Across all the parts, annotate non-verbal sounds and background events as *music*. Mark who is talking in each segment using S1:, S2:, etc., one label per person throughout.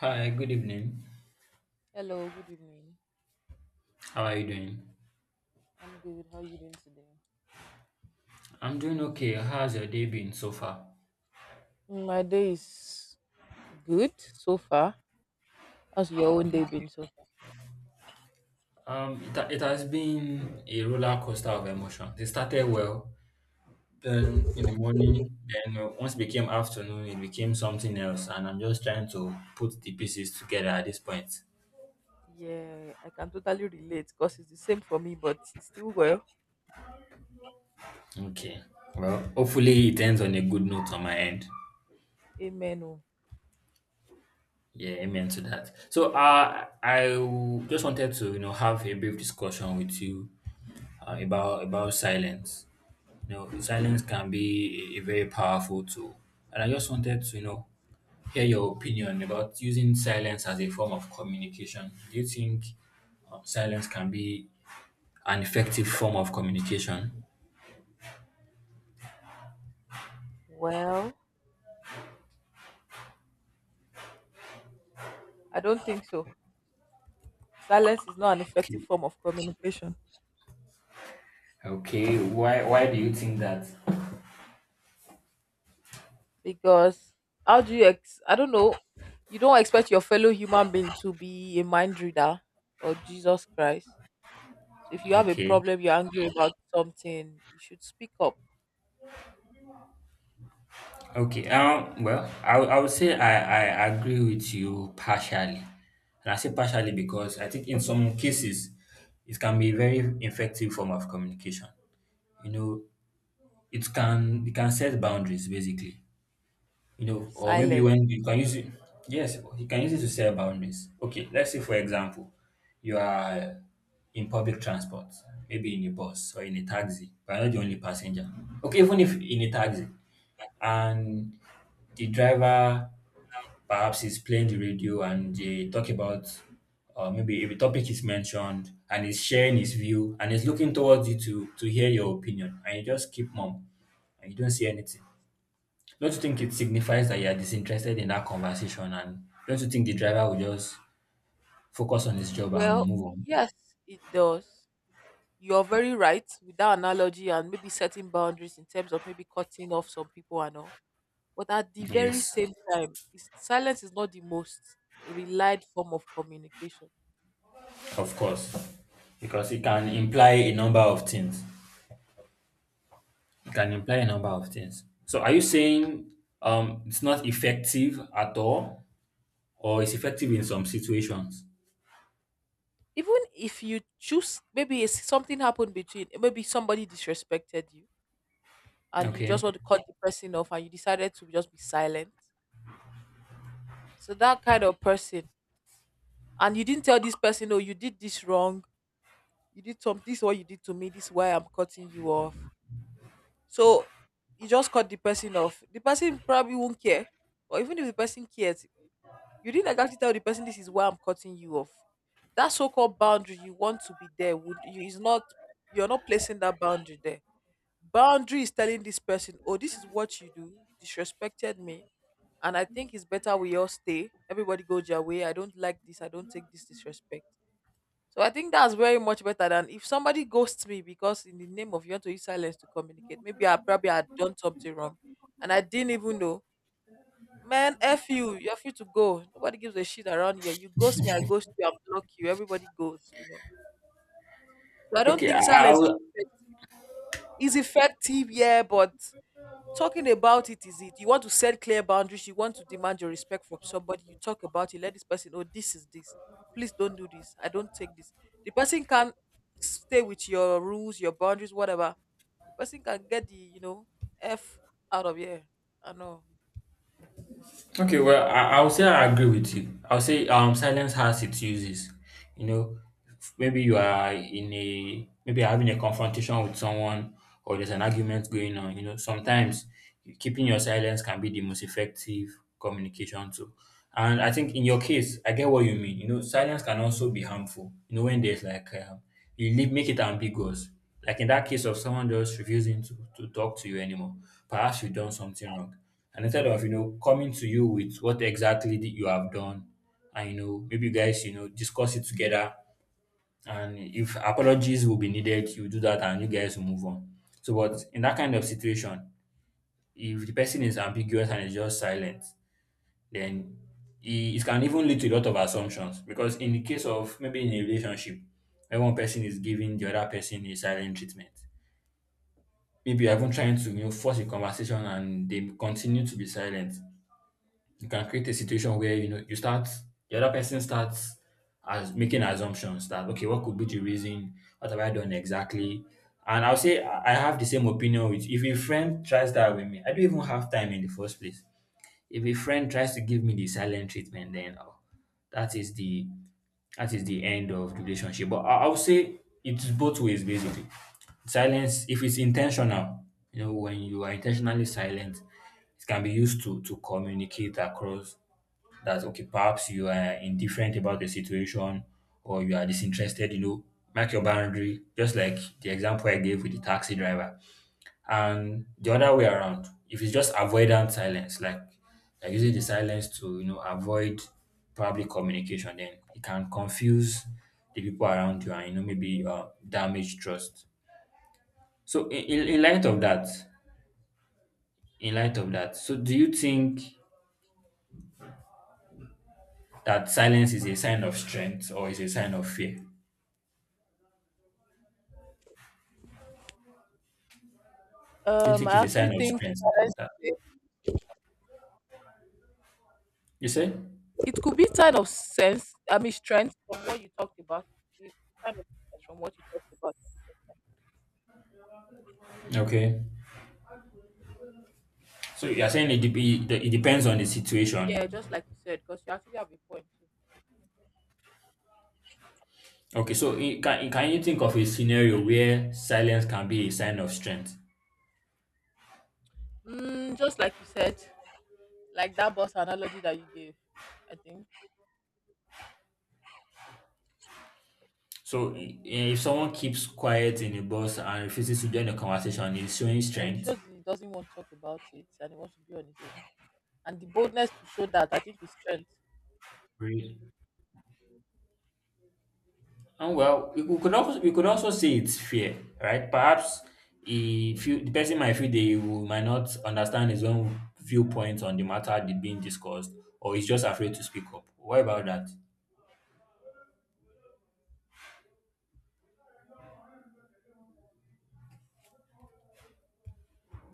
S1: Hi, good evening.
S2: Hello, good evening.
S1: How are you doing?
S2: I'm good. How are you doing today?
S1: I'm doing okay. How's your day been so far?
S2: My day is good so far. How's your own day been so
S1: Okay.
S2: far?
S1: It has been a roller coaster of emotions. It started well, then in the morning, then once it became afternoon, it became something else, and I'm just trying to put the pieces together at this point.
S2: Yeah, I can totally relate because it's the same for me, but it's still well.
S1: Okay. Well, hopefully it ends on a good note on my end.
S2: Amen. Oh.
S1: Yeah, amen to that. So, I just wanted to have a brief discussion with you about silence. You know, silence can be a very powerful tool. And I just wanted to hear your opinion about using silence as a form of communication. Do you think silence can be an effective form of communication?
S2: Well, I don't think so. Silence is not an effective form
S1: Okay.
S2: of communication
S1: Okay. Why do you think that?
S2: because how do you, I don't know, you don't expect your fellow human being to be a mind reader or Jesus Christ. So if you have a
S1: Okay.
S2: problem, you're angry about something, you should speak up.
S1: Okay. Well, I would say I agree with you partially. And I say partially because I think in some cases it can be a very effective form of communication. You know, you can set boundaries basically, or maybe
S2: Silence.
S1: when you can use it. Yes, you can use it to set boundaries. Okay, let's say, for example, you are in public transport, maybe in a bus or in a taxi, but you're not the only passenger. Okay, even if in a taxi, and the driver perhaps is playing the radio and they talk about, or maybe if a topic is mentioned and he's sharing his view and he's looking towards you to hear your opinion, and you just keep mum and you don't say anything. Don't you think it signifies that you are disinterested in that conversation? And don't you think the driver will just focus on his job and
S2: Well,
S1: move on?
S2: yes, it does. You're very right with that analogy and maybe setting boundaries in terms of maybe cutting off some people and all. But at the very
S1: Yes,
S2: same time, is silence is not the most relied form of communication.
S1: of course, because it can imply a number of things. It can imply a number of things. So, are you saying it's not effective at all, or it's effective in some situations?
S2: Even if you choose, maybe it's something happened between, maybe somebody disrespected you and you just
S1: Okay,
S2: want to cut the person off and you decided to just be silent. So that kind of person, and you didn't tell this person, "Oh, you did this wrong, you did some, this is what you did to me, this is why I'm cutting you off." So you just cut the person off, the person probably won't care, or even if the person cares, you didn't like actually tell the person this is why I'm cutting you off. That so-called boundary you want to be there would you is not, you're not placing that boundary there. Boundary is telling this person, oh, this is what you do, you disrespected me, and I think it's better we all stay, everybody goes your way, I don't like this, I don't take this disrespect. So I think that's very much better than if somebody ghosts me because in the name of you want to use silence to communicate. Maybe I probably had done something wrong and I didn't even know. Man, F you, you're free to go. Nobody gives a shit around here. You ghost me, I ghost you, I block you, everybody goes, So I don't
S1: okay, I,
S2: think
S1: I
S2: silence is
S1: will.
S2: effective. Is effective, yeah, but talking about it is it, you want to set clear boundaries, you want to demand your respect from somebody, you talk about it, let this person know this is this. Please don't do this, I don't take this. The person can stay with your rules, your boundaries, whatever. The person can get the, f out of here. I know.
S1: Okay, well, I'll say I agree with you. I'll say silence has its uses. You know, maybe you are in a maybe you're having a confrontation with someone, or there's an argument going on. You know, sometimes keeping your silence can be the most effective communication tool. And I think in your case, I get what you mean. You know, silence can also be harmful. You know, when there's like you leave, make it ambiguous. Like in that case of someone just refusing to talk to you anymore, perhaps you've done something wrong, and instead of coming to you with what exactly that you have done, and maybe you guys discuss it together, and if apologies will be needed you do that and you guys will move on. So but in that kind of situation, if the person is ambiguous and is just silent, then it can even lead to a lot of assumptions, because in the case of maybe in a relationship where one person is giving the other person a silent treatment, maybe you're even trying to force a conversation and they continue to be silent. You can create a situation where you know you start the other person starts as making assumptions that okay, what could be the reason, what have I done exactly? And I'll say I have the same opinion with, if a friend tries that with me, I don't even have time in the first place. If a friend tries to give me the silent treatment, then oh, that is the that is the end of the relationship. But I'll say it's both ways basically. Silence, if it's intentional, when you are intentionally silent, it can be used to communicate across that okay, perhaps you are indifferent about the situation, or you are disinterested, you know, mark your boundary, just like the example I gave with the taxi driver. And the other way around, if it's just avoidant silence, like using the silence to avoid probably communication, then it can confuse the people around you, and maybe damage trust. So in light of that, in light of that, so do you think that silence is a sign of strength or is a sign of fear? Do you think
S2: I
S1: it's a
S2: actually
S1: sign of
S2: think
S1: strength?
S2: that
S1: That you say?
S2: it could be kind of sense. I mean, strength from what you talked about. It could be kind of strength from what you talked about.
S1: Okay. So you are saying it it depends on the
S2: Yeah,
S1: situation.
S2: just like you said, because you actually have a point too.
S1: Okay. So can you think of a scenario where silence can be a sign of strength?
S2: Mm, just like you said, like that bus analogy that you gave, I think
S1: So if someone keeps quiet in a bus and refuses to join the conversation, is showing
S2: it
S1: strength.
S2: shows he doesn't want to talk about it and he wants to be on his own. And the boldness to show that, I think, is strength.
S1: Really? And well, we could also say it's fear, right? Perhaps he feel the person might feel they will, might not understand his own viewpoint on the matter that being discussed, or he's just afraid to speak up. What about that?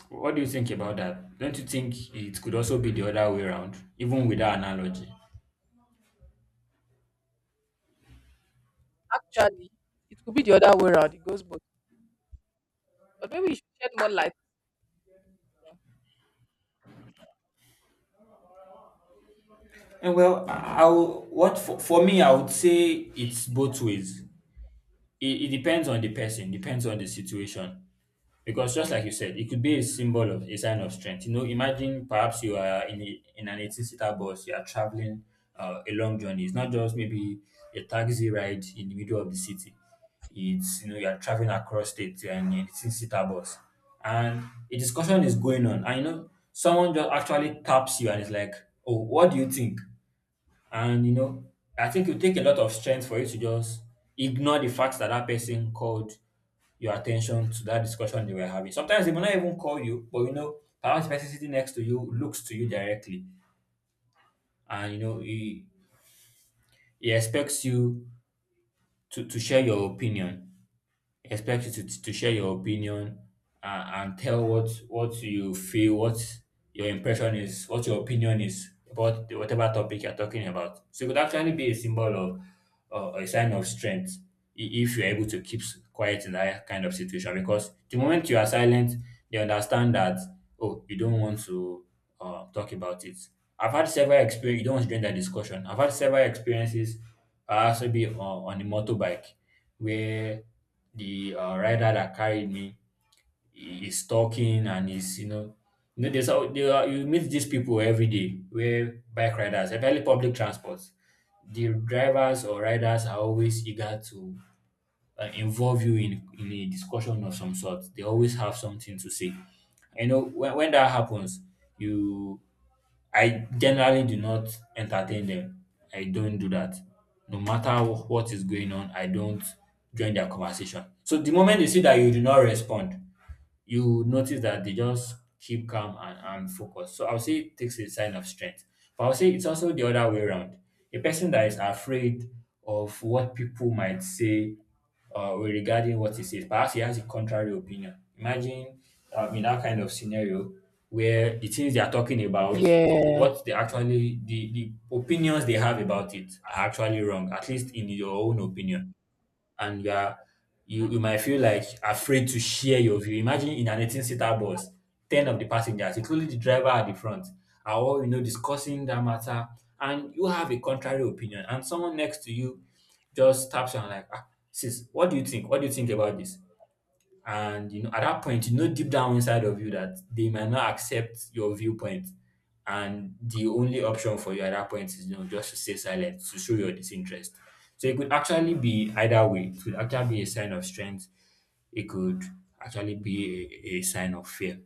S1: What do you think about that? Don't you think it could also be the other way around, even with that analogy?
S2: Actually, it could be the other way around. It goes both. But maybe you should shed more light.
S1: And well, I will, what for me, I would say it's both ways. It depends on the person, depends on the situation. Because just like you said, it could be a symbol of a sign of strength. You know, imagine perhaps you are in in an 18 seater bus, you are traveling a long journey. It's not just maybe a taxi ride in the middle of the city. It's you are traveling across states, you are in an 18 seater bus, and a discussion is going on. And someone just actually taps you and is like, "Oh, what do you think?" And I think it will take a lot of strength for you to just ignore the fact that that person called your attention to that discussion they were having. Sometimes they may not even call you, but perhaps the person sitting next to you looks to you directly and he expects you to share your opinion. Expect you to share your opinion and tell what you feel, what your impression is, what your opinion is about whatever topic you're talking about. So it could actually be a symbol of a sign of strength if you're able to keep quiet in that kind of situation. Because the moment you are silent, they understand that oh, you don't want to talk about it. I've had several experiences. You don't want to join that discussion. I've had several experiences. I also be on the motorbike where the rider that carried me is talking and is there are, you meet these people every day where bike riders, especially public transports, the drivers or riders, are always eager to involve you in a discussion of some sort. They always have something to say. You know when that happens, you I generally do not entertain them. I don't do that. No matter what is going on, I don't join their conversation. So the moment they see that you do not respond, you notice that they just keep calm and focused. So I would say it takes a sign of strength. But I would say it's also the other way around. A person that is afraid of what people might say regarding what he says, perhaps he has a contrary opinion. Imagine in that kind of scenario where the things they are talking about,
S2: Yeah.
S1: the opinions they have about it are actually wrong, at least in your own opinion, and you you might feel like afraid to share your view. Imagine in an 18 seater bus, 10 of the passengers, including the driver at the front, are all discussing that matter, and you have a contrary opinion, and someone next to you just taps you and like, ah, sis, what do you think? What do you think about this? And at that point, you know deep down inside of you that they might not accept your viewpoint. And the only option for you at that point is just to stay silent, to show your disinterest. So it could actually be either way. It could actually be a sign of strength. It could actually be a sign of fear.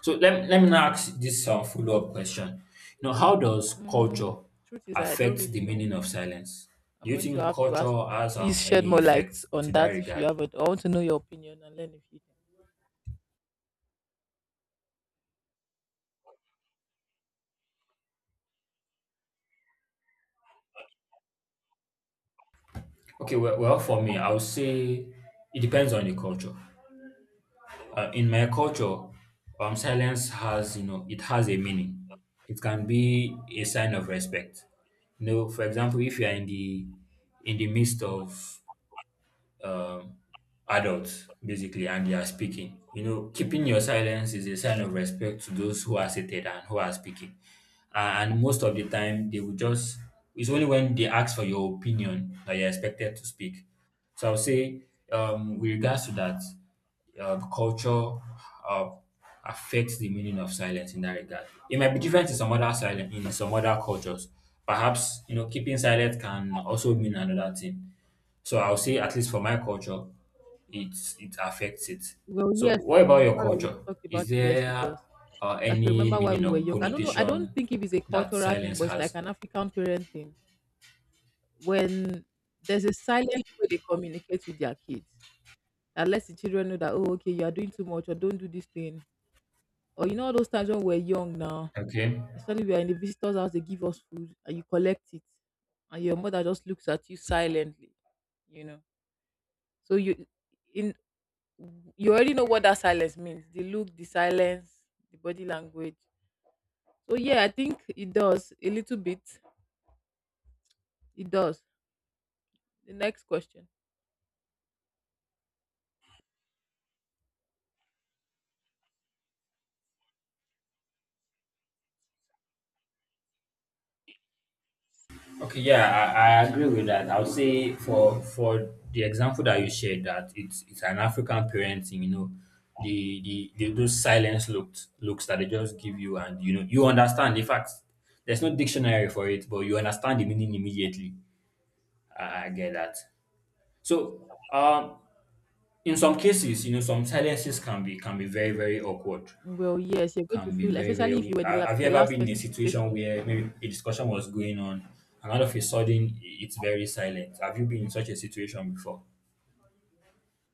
S1: So let me now ask this follow up question. You know, how does culture
S2: Mm, truth is, I don't
S1: affect
S2: really
S1: the
S2: know.
S1: meaning of silence? Do
S2: I'm
S1: you
S2: going to
S1: think
S2: have to ask
S1: culture
S2: you to
S1: has
S2: please shed
S1: any
S2: more
S1: effect
S2: light
S1: to
S2: on
S1: that
S2: that if you
S1: regard?
S2: have it. I want to know your opinion and learn if you can.
S1: Okay, well, well, for me, I would say it depends on the culture. In my culture, silence has, it has a meaning. It can be a sign of respect. You know, for example, if you are in the midst of um, adults basically, and they are speaking. You know, keeping your silence is a sign of respect to those who are seated and who are speaking. And most of the time, it's only when they ask for your opinion that you're expected to speak. So I would say, with regards to that, culture uh, affects the meaning of silence in that regard. It might be different in some other silence in some other cultures. Perhaps, you know, keeping silent can also mean another thing. So I'll say, at least for my culture, it it affects it.
S2: Well,
S1: So
S2: yes.
S1: what about your
S2: Now that we've
S1: culture?
S2: talked about
S1: Is
S2: it, yes, it
S1: there
S2: does. I could
S1: any
S2: remember while
S1: meaning
S2: we were
S1: or
S2: young. I don't know. I don't
S1: connotation
S2: think if it's a
S1: that
S2: cultural thing,
S1: silence
S2: but it's like
S1: has?
S2: an African parenting. When there's a silent way they communicate with their kids, that lets the children know that, oh, okay, you are doing too much, or don't do this thing, or you know all those times when we're young now,
S1: Okay.
S2: especially we are in the visitor's house, they give us food and you collect it, and your mother just looks at you silently, you know. So you in you already know what that silence means. The look, the silence, the body language. So yeah, I think it does a little bit. It does. The next question.
S1: Okay. Yeah, I agree with that. I'll say, for the example that you shared, that it's an African parenting. You know, the those silence looks that they just give you, and you know you understand. In fact, there's no dictionary for it, but you understand the meaning immediately. I get that. So, in some cases, you know, some silences can be very, very awkward.
S2: Well, yes, you're going to
S1: Can be
S2: feel,
S1: very, very
S2: especially if you
S1: awkward.
S2: were the
S1: Ha- Have you ever
S2: last
S1: been in a
S2: person to say
S1: situation
S2: something.
S1: where maybe a discussion was going on, and all of a sudden, it's very silent? Have you been in such a situation before?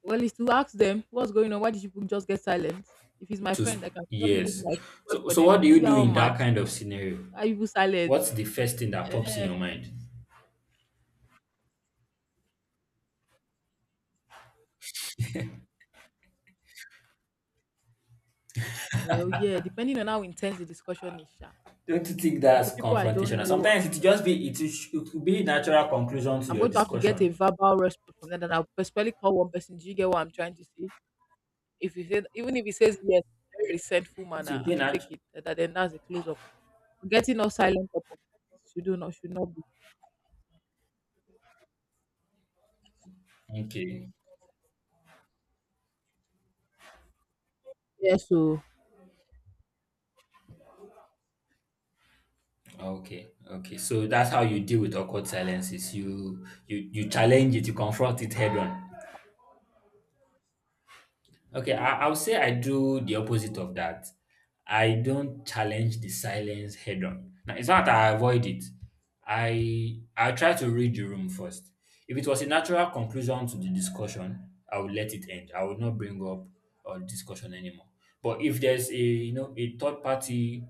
S2: Well, is to ask them what's going on. Why did you people just get silent? If it's my
S1: To s-
S2: friend, I can probably be
S1: yes.
S2: like swear
S1: So
S2: for
S1: so
S2: them.
S1: what do
S2: Are
S1: you
S2: you
S1: do
S2: all
S1: in that
S2: mad?
S1: kind of scenario?
S2: Are you people silent?
S1: What's the first thing that pops in
S2: Yeah.
S1: your mind?
S2: Well, yeah, depending on how intense the discussion is, sha.
S1: Don't you think
S2: If
S1: that's
S2: the people I don't
S1: confrontational?
S2: know,
S1: Sometimes it just be it, is- it will be a natural conclusion to
S2: I'm
S1: your
S2: going to have to get a
S1: discussion.
S2: verbal response from them, and I'll personally call one person. Do you get what I'm trying to say? If you say, even if he says yes, very resentful
S1: It
S2: manner,
S1: will
S2: I
S1: be
S2: still take
S1: natural.
S2: it. Then that's a close up. Getting all silent about should do not should not be.
S1: Okay.
S2: Yes, so
S1: Okay, okay. So that's how you deal with awkward silences. You challenge it, you confront it head on. Okay, I'll say I do the opposite of that. I don't challenge the silence head on. Now, it's not that I avoid it. I try to read the room first. If it was a natural conclusion to the discussion, I would let it end. I would not bring up a discussion anymore. But if there's a you know a third party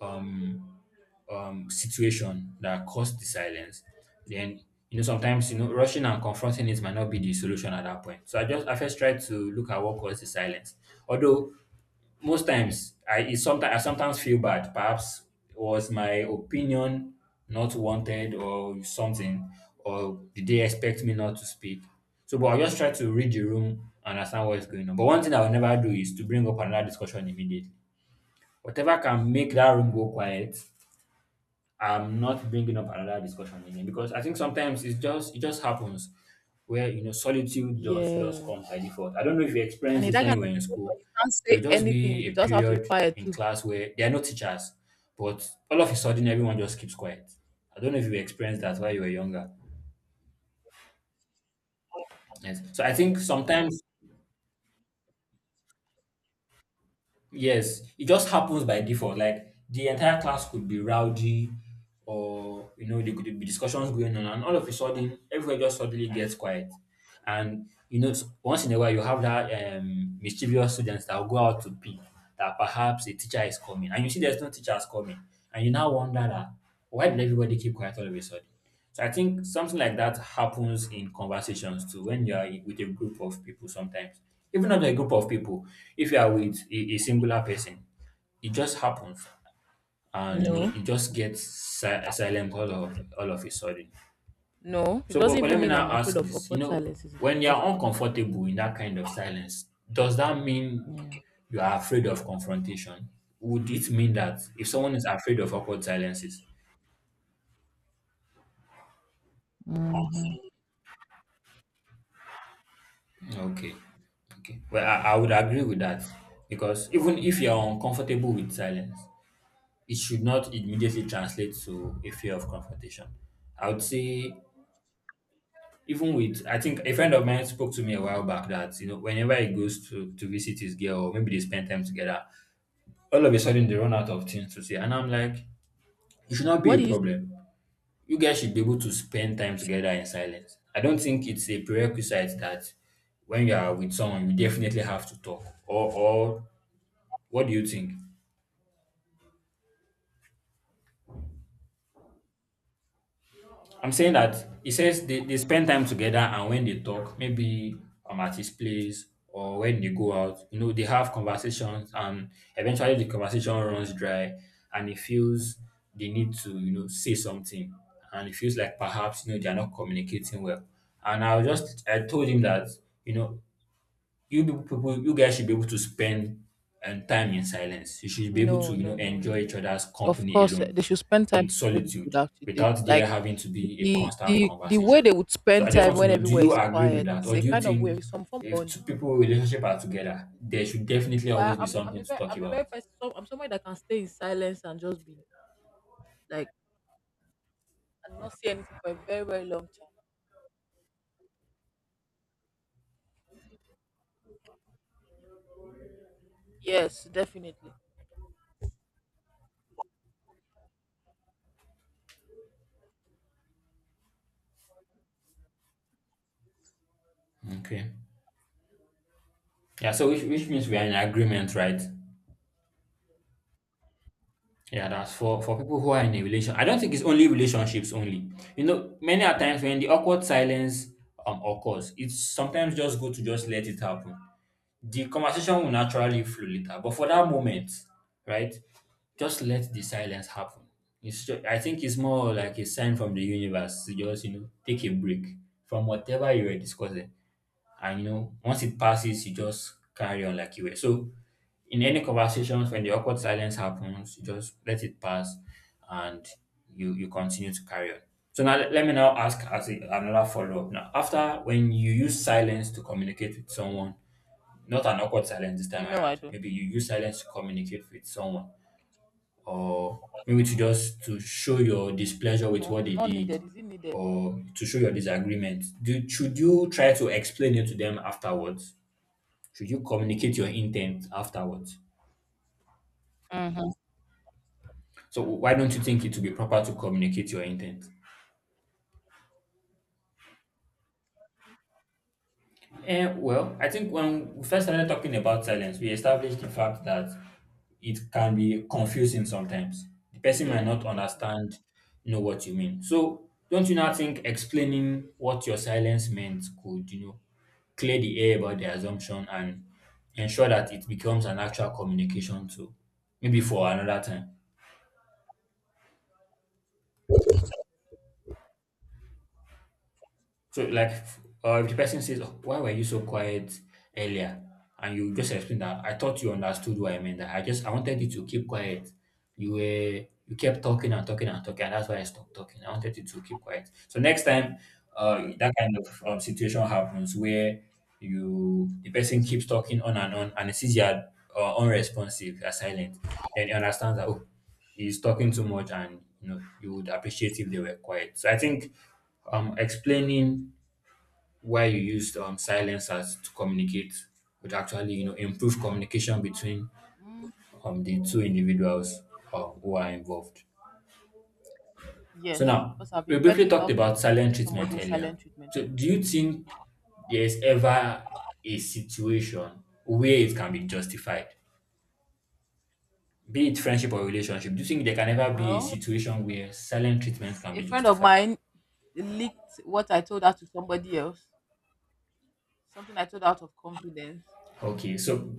S1: um situation that caused the silence, then sometimes rushing and confronting it might not be the solution at that point. So I first try to look at what caused the silence. Although most times, I it sometimes I sometimes feel bad. Perhaps was my opinion not wanted or something, or did they expect me not to speak? So, but I just try to read the room and understand what is going on. But one thing I will never do is to bring up another discussion immediately. Whatever can make that room go quiet, I'm not bringing up another discussion again, because I think sometimes it just happens, where solitude just
S2: yes.
S1: comes by default. I don't know if you
S2: And
S1: experienced
S2: in
S1: this
S2: that
S1: when
S2: kind
S1: you were
S2: of
S1: in school.
S2: situation, you can't
S1: There
S2: say
S1: will just
S2: anything.
S1: be a
S2: You just have to be
S1: period
S2: quiet
S1: in
S2: too.
S1: class where there are no teachers, but all of a sudden everyone just keeps quiet. I don't know if you experienced that while you were younger. Yes. So I think sometimes, yes, it just happens by default. Like, the entire class could be rowdy, or there could be discussions going on, and all of a sudden everyone just suddenly gets quiet. And once in a while, you have that mischievous students that will go out to pee, that perhaps a teacher is coming, and you see there's no teachers coming, and you now wonder that why did everybody keep quiet all of a sudden? So I think something like that happens in conversations too when you are with a group of people sometimes. Even not a group of people, if you are with a singular person, it just happens, and you know
S2: No.
S1: it just gets silent all of a sudden.
S2: No. It
S1: So,
S2: doesn't
S1: but let
S2: even
S1: me
S2: mean
S1: now
S2: I'm afraid
S1: ask
S2: of
S1: this. You
S2: awkward
S1: know,
S2: silences in the
S1: when you're
S2: first place.
S1: uncomfortable in that kind of silence, does that mean
S2: Yeah.
S1: you are afraid of confrontation? Would it mean that if someone is afraid of awkward silences?
S2: Hmm.
S1: Okay. Okay. Well, I would agree with that, because even if you're uncomfortable with silence, it should not immediately translate to a fear of confrontation. I would say, I think a friend of mine spoke to me a while back that, you know, whenever he goes to visit his girl, or maybe they spend time together, all of a sudden they run out of things to say. And I'm like, it should not be
S2: What
S1: a
S2: do you say?
S1: problem. You guys should be able to spend time together in silence. I don't think it's a prerequisite that when you are with someone, you definitely have to talk. Or what do you think? I'm saying that he says they spend time together, and when they talk, maybe I'm at his place or when they go out, you know, they have conversations, and eventually the conversation runs dry, and he feels they need to, you know, say something, and it feels like perhaps, you know, they're not communicating well. And I told him that, you know, you people, people you guys should be able to spend time in silence. You should be able to,
S2: No, no, no, no,
S1: enjoy each
S2: no.
S1: other's
S2: Of
S1: company
S2: course, eh,
S1: alone
S2: they should spend time
S1: in
S2: with people
S1: solitude,
S2: without they,
S1: without there
S2: like
S1: having to be a
S2: the
S1: constant
S2: the the
S1: conversation.
S2: way they would
S1: So I
S2: spend
S1: just
S2: time
S1: want to
S2: when
S1: know, do
S2: everywhere
S1: you
S2: is
S1: agree with
S2: quiet
S1: that?
S2: is
S1: Or
S2: a
S1: do you
S2: kind of
S1: think
S2: way some form of
S1: if
S2: bond.
S1: two people relationship are together, there should definitely always
S2: Well,
S1: be something to talk
S2: I'm a very
S1: about?
S2: person. So I'm someone that can stay in silence and just be like and not see anything for a very very long time. Yes, definitely.
S1: Okay. Yeah, so which means we are in agreement, right? Yeah, that's for people who are in a relation. I don't think it's only relationships only. You know, many a times when the awkward silence occurs, it's sometimes just good to just let it happen. The conversation will naturally flow later, but for that moment, right? Just let the silence happen. It's just, I think it's more like a sign from the universe to just take a break from whatever you were discussing. And once it passes, you just carry on like you were. So in any conversations when the awkward silence happens, you just let it pass, and you continue to carry on. So now, let me now ask, as another follow-up, now after, when you use silence to communicate with someone, not an awkward silence this time
S2: No, I
S1: around,
S2: don't.
S1: maybe you use silence to communicate with someone, or maybe to just to show your
S2: I
S1: displeasure
S2: don't
S1: with
S2: know.
S1: what
S2: It's
S1: they
S2: not
S1: did,
S2: needed. Is it needed?
S1: or to show your disagreement, do should you try to explain it to them afterwards? Should you communicate your intent afterwards?
S2: Mm-hmm.
S1: So why don't you think it would be proper to communicate your intent? Well, I think when we first started talking about silence, we established the fact that it can be confusing sometimes. The person might not
S2: Yeah, definitely.
S1: understand, you know what you mean. So don't you now think explaining what your silence meant could, clear the air about the assumption, and ensure that it becomes an actual communication tool, maybe for another time? So, like, if the person says, oh, "Why were you so quiet earlier?" And you just explain that, I thought you understood what I meant. That I wanted you to keep quiet. You kept talking and talking and talking, and that's why I stopped talking. I wanted you to keep quiet. So next time, that kind of situation happens where you the person keeps talking on, and it sees you are unresponsive, you are silent, then he understands that. Oh, is talking too much, and you know you would appreciate if they were quiet. So I think explaining why you used silence as to communicate would actually improve communication between the two individuals, who are involved. So
S2: Yes,
S1: now,
S2: because I've
S1: we
S2: been
S1: briefly
S2: petty
S1: talked
S2: enough
S1: about
S2: to
S1: silent
S2: give
S1: treatment
S2: somebody a
S1: earlier.
S2: silent treatment. To.
S1: So do you think there's ever a situation where it can be justified, be it friendship or relationship? Do you think there can ever be a
S2: Well,
S1: situation where silent treatment can
S2: a
S1: be
S2: friend of
S1: justified?
S2: mine leaked what I told her to somebody else. Something I told her out of confidence.
S1: Okay, so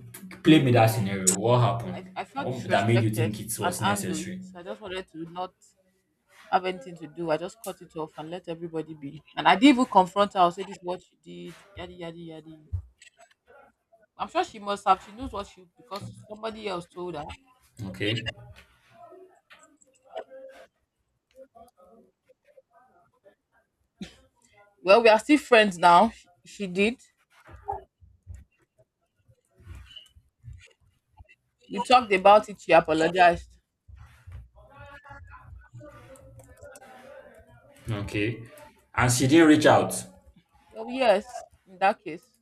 S1: play me that
S2: So
S1: scenario. What happened?
S2: I felt
S1: What that made you
S2: disrespected
S1: think it
S2: and
S1: was
S2: angry.
S1: necessary?
S2: So I just wanted to not have anything to do. I just cut it off and let everybody be. And I didn't even confront her. I'll say, this is what she did, yadi, yadi, yadi. I'm sure she must have. She knows what she, because somebody else told her.
S1: Okay,
S2: Well, we are still friends now. She did. We talked about it. She apologized.
S1: okay. And she didn't reach out.
S2: Well, yes, in that case,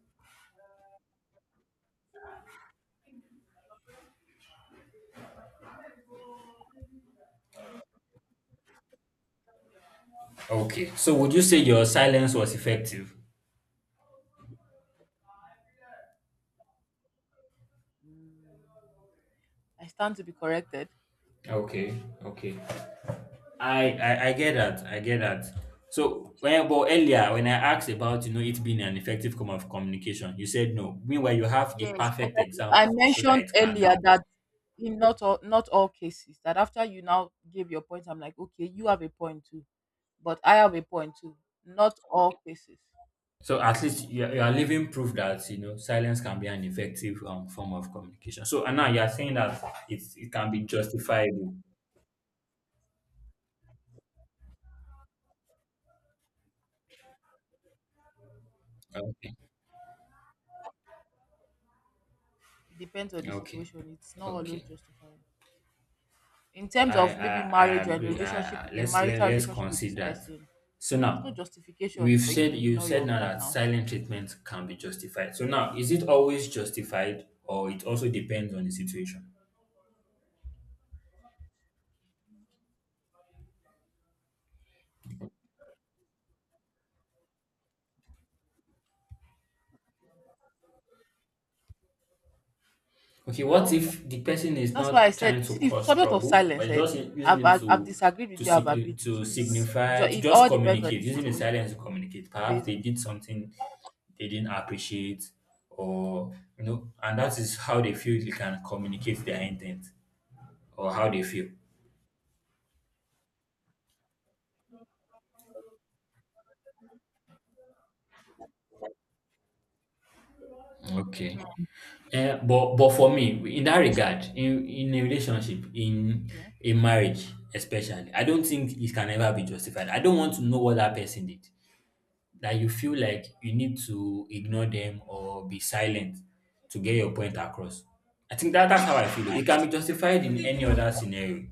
S1: Okay, so would you say your silence was effective?
S2: mm, I stand to be corrected.
S1: Okay, okay. I get that. I get that. So when but earlier when I asked about, it being an effective form of communication, you said no. Meanwhile, you have the
S2: Yes, but
S1: perfect
S2: I think
S1: example
S2: I
S1: to show that
S2: mentioned
S1: it can
S2: earlier
S1: be.
S2: that in not all cases that after you now gave your point, I'm like, okay, you have a point too. But I have a point too. Not all cases.
S1: So at least you are leaving proof that you know silence can be an effective form of communication. So and now you are saying that it can be justifiable. Okay,
S2: It depends on the
S1: okay,
S2: situation. It's not always
S1: okay.
S2: justified. In terms
S1: I
S2: of maybe
S1: I, I
S2: marriage or a
S1: agree.
S2: relationship,
S1: I, I-
S2: a
S1: let's let,
S2: marital
S1: let's
S2: relationship with this
S1: consider that.
S2: person,
S1: So
S2: there's no
S1: now
S2: justification
S1: we've
S2: for you
S1: said
S2: to
S1: you
S2: ignore
S1: said
S2: your
S1: now that
S2: partner or something.
S1: silent treatment can be justified. So now is it always justified or it also depends on the situation? Okay, what
S2: Well,
S1: if the person is
S2: that's why I
S1: not
S2: said
S1: trying
S2: you
S1: to
S2: see the
S1: cause
S2: subject of
S1: trouble,
S2: silence.
S1: but
S2: Eh,
S1: just using it
S2: I've disagreed
S1: to
S2: with you. I've
S1: simply
S2: agreed with
S1: to
S2: you.
S1: signify to
S2: It
S1: just
S2: all depends on
S1: communicate,
S2: the
S1: using the
S2: situation,
S1: silence to communicate. Perhaps they
S2: basically.
S1: did something they didn't appreciate, or you know, and that is how they feel they can communicate their intent or how they feel. Okay. But for me, in that regard, in a relationship, in
S2: Yeah.
S1: a marriage especially, I don't think it can ever be justified. I don't want to know what that person did, that you feel like you need to ignore them or be silent to get your point across. I think that that's how I feel. It can be justified in any other scenario,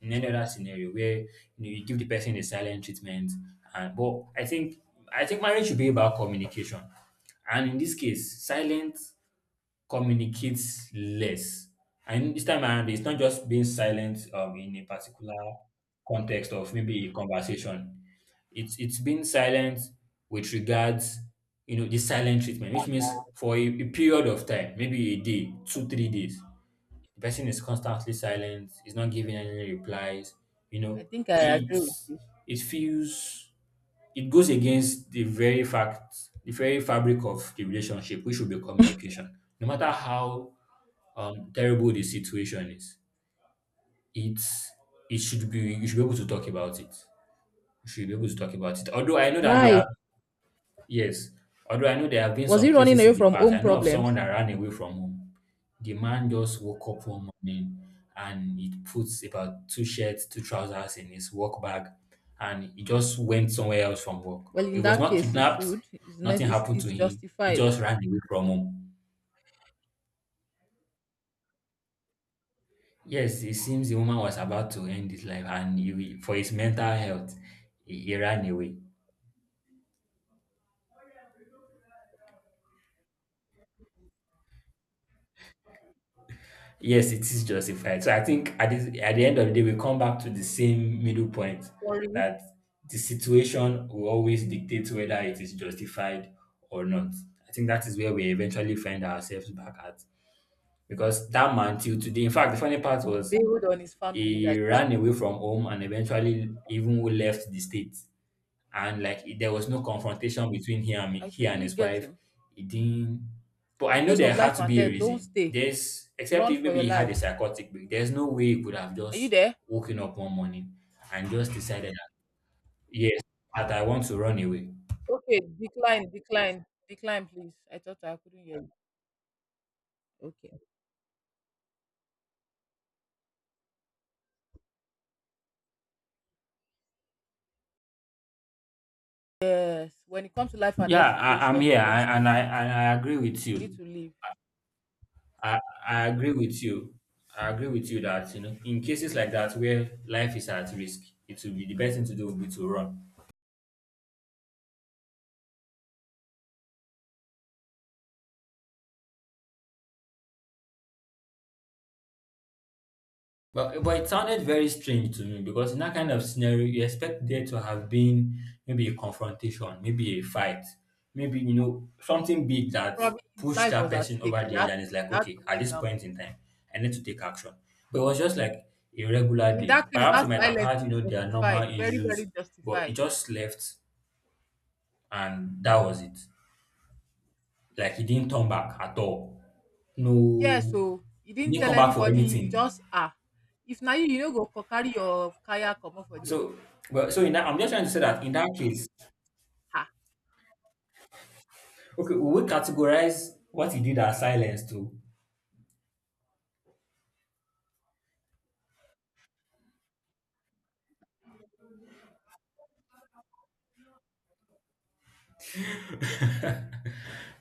S1: in any other scenario where you, know, you give the person a silent treatment. And but I think marriage should be about communication, and in this case, silence communicates less. And this time around, it's not just being silent in a particular context of maybe a conversation. It's been silent with regards, you know, the silent treatment, which means for a period of time, maybe a day, two, 3 days, the person is constantly silent, is not giving any replies, you
S2: I
S1: know,
S2: think I agree with
S1: it's
S2: you.
S1: it feels it goes against the very fact, the very fabric of the relationship, which should be communication. No matter how terrible the situation is, it's it should be you should be able to talk about it. You should be able to talk about it. Although I know that there are—
S2: Why
S1: Yes, although I know there have been
S2: was
S1: some
S2: he running
S1: cases
S2: away
S1: in the
S2: from
S1: past.
S2: home
S1: I know of someone
S2: problems?
S1: that ran away from home. The man just woke up one morning and he puts about two shirts, two trousers in his work bag and he just went somewhere else from work.
S2: Well,
S1: He
S2: in
S1: was
S2: that
S1: not
S2: case, it
S1: kidnapped,
S2: should.
S1: nothing happened to
S2: It's
S1: him. He
S2: justified.
S1: just ran away from home. Yes, it seems the woman was about to end his life and he, for his mental health, he ran away. Yes, it is justified. So I think at the end of the day, we come back to the same middle point
S2: For you,
S1: that the situation will always dictate whether it is justified or not. I think that is where we eventually find ourselves back at. Because that man, till today, in fact, the funny part was
S2: build on his family
S1: he
S2: like that.
S1: ran away from home and eventually even left the state and like there was no confrontation between him and me,
S2: I
S1: he and
S2: totally
S1: his
S2: get
S1: wife.
S2: him.
S1: It didn't, but I
S2: In
S1: know
S2: case
S1: there
S2: of
S1: had
S2: life
S1: to
S2: and
S1: be a
S2: death, don't
S1: reason.
S2: stay.
S1: There's, except
S2: Run
S1: if
S2: for
S1: maybe
S2: your
S1: he had
S2: life.
S1: a psychotic break. There's no way he could have
S2: Are you
S1: just
S2: there?
S1: woken up one morning and just decided that yes, that I want to run away.
S2: Okay, decline, decline, decline, please. I thought I couldn't hear you. Okay. Yes. When it comes to life and
S1: Yeah,
S2: death
S1: I'm
S2: situation, you
S1: here,
S2: don't stay.
S1: and I and I agree with
S2: You need
S1: you.
S2: to leave.
S1: I I agree with you. I agree with you that you know in cases like that where life is at risk, it will be the best thing to do would be to run. But it sounded very strange to me because in that kind of scenario, you expect there to have been maybe a confrontation, maybe a fight, maybe you know something big that
S2: Probably his
S1: pushed
S2: life
S1: that
S2: was at
S1: person
S2: stake.
S1: over the edge, and it's like,
S2: He had
S1: okay,
S2: to
S1: at
S2: make
S1: this
S2: that move.
S1: point in time, I need to take action. But it was just like a regular
S2: In
S1: day.
S2: that case,
S1: Perhaps
S2: that
S1: they might have
S2: silence
S1: had
S2: is
S1: you know their normal
S2: justified. Very,
S1: issues,
S2: very
S1: but it
S2: justified.
S1: just left, and that was it. Like he didn't turn back at all.
S2: Yeah,
S1: No,
S2: so he
S1: he
S2: didn't
S1: didn't
S2: tell
S1: come back for
S2: anybody. He
S1: anything.
S2: just ah, if na you, you know, go carry your kaya come off for there.
S1: So, but so in that, I'm just trying to say that in that case,
S2: Ha.
S1: okay, we will categorize what he did as silence too.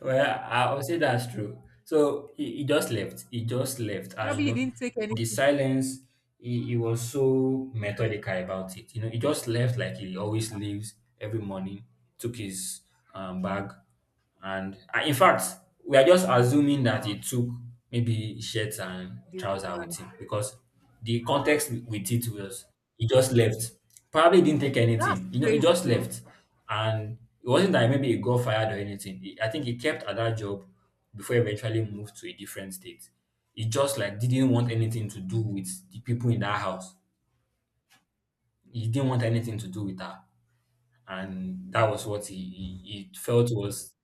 S1: Well, would say that's true. So he just left. He just left, and you
S2: Probably he
S1: know,
S2: didn't take
S1: the
S2: anything.
S1: silence. He was so methodical about it. You know, he just left like he always leaves every morning. Took his bag, and in fact, we are just assuming that
S2: Wow,
S1: he took maybe shirt and
S2: the
S1: trouser with
S2: woman.
S1: him because the context with it was he just left. Probably didn't take
S2: That's
S1: anything. You know, he
S2: crazy
S1: just
S2: though.
S1: left. And it wasn't that maybe he got fired or anything. I think he kept at that job before he eventually moved to a different state. He just like didn't want anything to do with the people in that house. He didn't want anything to do with her. And that was what he felt was—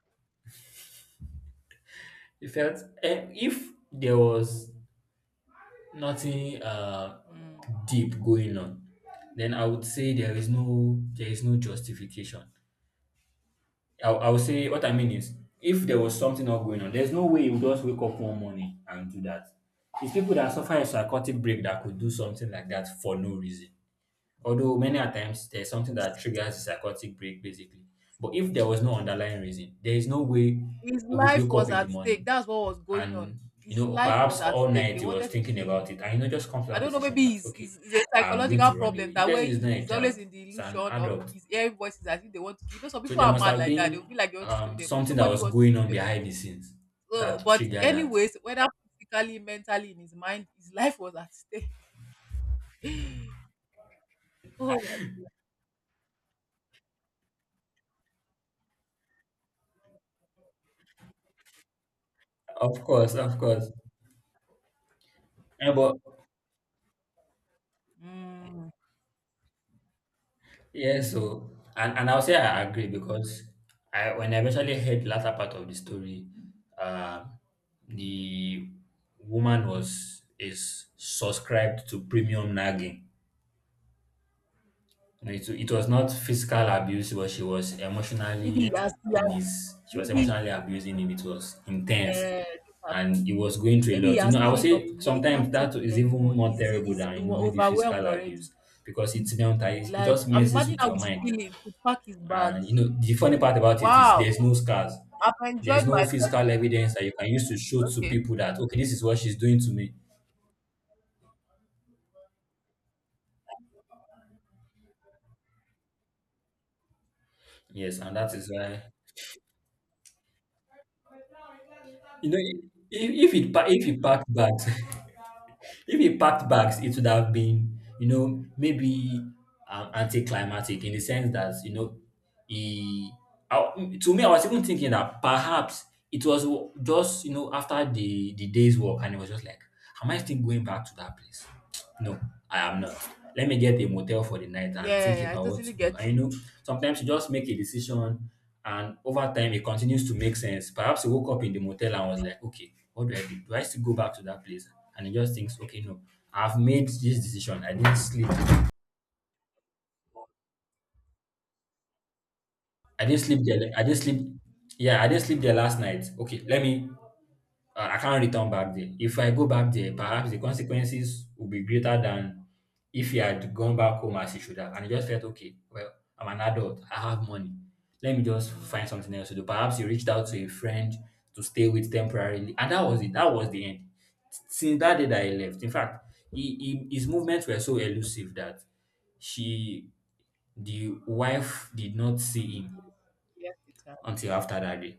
S1: he felt eh, if there was nothing
S2: Mm.
S1: deep going on, then I would say there is no— there is no justification. I would say what I mean is if there was something not going on, there's no way you would just wake up one morning and do that. It's people that suffer a psychotic break that could do something like that for no reason. Although many a times there's something that triggers a psychotic break basically. But if there was no underlying reason, there is no way
S2: His
S1: it would
S2: life
S1: wake up
S2: was
S1: in the
S2: at stake.
S1: morning.
S2: That's what was going on.
S1: And you
S2: His
S1: know,
S2: life was
S1: perhaps
S2: at
S1: all
S2: stake. They
S1: night he was
S2: wanted to
S1: thinking
S2: kill him.
S1: about it, and you know, just come to
S2: I
S1: that
S2: don't know.
S1: decision
S2: Maybe
S1: that okay,
S2: it's a
S1: I'm going
S2: psychological
S1: to run
S2: problem
S1: away. This
S2: that way
S1: person is not a
S2: he's always
S1: child;
S2: in the
S1: it's an
S2: illusion of
S1: adult.
S2: his hearing voices as if they want to kill. You know, some
S1: So
S2: people
S1: there
S2: are
S1: must
S2: mad
S1: have
S2: like that. They
S1: been
S2: feel like they want to kill them, but
S1: something that
S2: nobody
S1: was
S2: wants. To,
S1: going on behind the scenes
S2: so,
S1: that
S2: but
S1: triggered that.
S2: anyways, whether physically, mentally, in his mind, his *laughs* life was at stake. *laughs* Oh,
S1: Of course, of course. Yeah, but
S2: mm,
S1: yeah, so and I'll say I agree because I— when I eventually heard the latter part of the story, um, the woman was— is subscribed to premium nagging. No, it was not physical abuse, but she was
S2: maybe
S1: emotionally
S2: he
S1: in
S2: has
S1: his. She was
S2: maybe
S1: emotionally abusing him. It was intense,
S2: this
S1: and
S2: happened.
S1: he was going through a
S2: Maybe he
S1: lot. You
S2: has
S1: know, I would
S2: added up
S1: say
S2: to here. He
S1: sometimes
S2: can't take
S1: that
S2: it
S1: is even
S2: anymore.
S1: more terrible
S2: He's
S1: than you know maybe physical
S2: overwhelmed
S1: abuse
S2: already.
S1: because it's mental. It
S2: Like
S1: just
S2: I'm
S1: messes
S2: imagining
S1: with
S2: how
S1: your
S2: he's
S1: mind,
S2: feeling to pack his
S1: and you
S2: bags.
S1: know the funny part about it is
S2: Wow,
S1: there's no scars,
S2: I've
S1: there's
S2: enjoyed
S1: no
S2: myself.
S1: physical evidence that you can use to show to
S2: Okay.
S1: people that okay, this is what she's doing to me. Yes, and that is why you know if if it packed bags. *laughs* If he packed bags, it would have been, you know, maybe anticlimactic in the sense that, you know, he. I, to me, I was even thinking that perhaps it was just, you know, after the day's work and it was just like, am I still going back to that place? No, I am not. Let me get a motel for the night and think
S2: Yeah, I
S1: about what
S2: totally
S1: to do.
S2: get
S1: And
S2: you.
S1: you know, sometimes you just make a decision, and over time it continues to make sense. Perhaps you woke up in the motel and was like, okay, what do I do? Do I still go back to that place? And it just thinks, okay, no, I've made this decision. I didn't sleep. I didn't sleep there. I didn't sleep. Yeah, I didn't sleep there last night. Okay, let me— uh, I can't return back there. If I go back there, perhaps the consequences will be greater than if he had gone back home as he should have. And he just felt, okay, well, I'm an adult. I have money. Let me just find something
S2: Yeah.
S1: else to do. Perhaps he reached out to a friend to stay with temporarily. And that was it. That was the end. Since that day that he left, in fact, his movements were so elusive that she, the wife, did not see him
S2: Yes, yes, it has.
S1: until after that day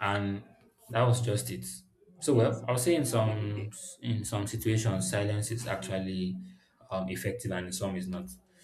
S1: and that was just it. So
S2: Yes,
S1: well, I'll
S2: me
S1: say in
S2: too. Have a good day.
S1: some— in some situations, silence is actually effective, and in some is not. So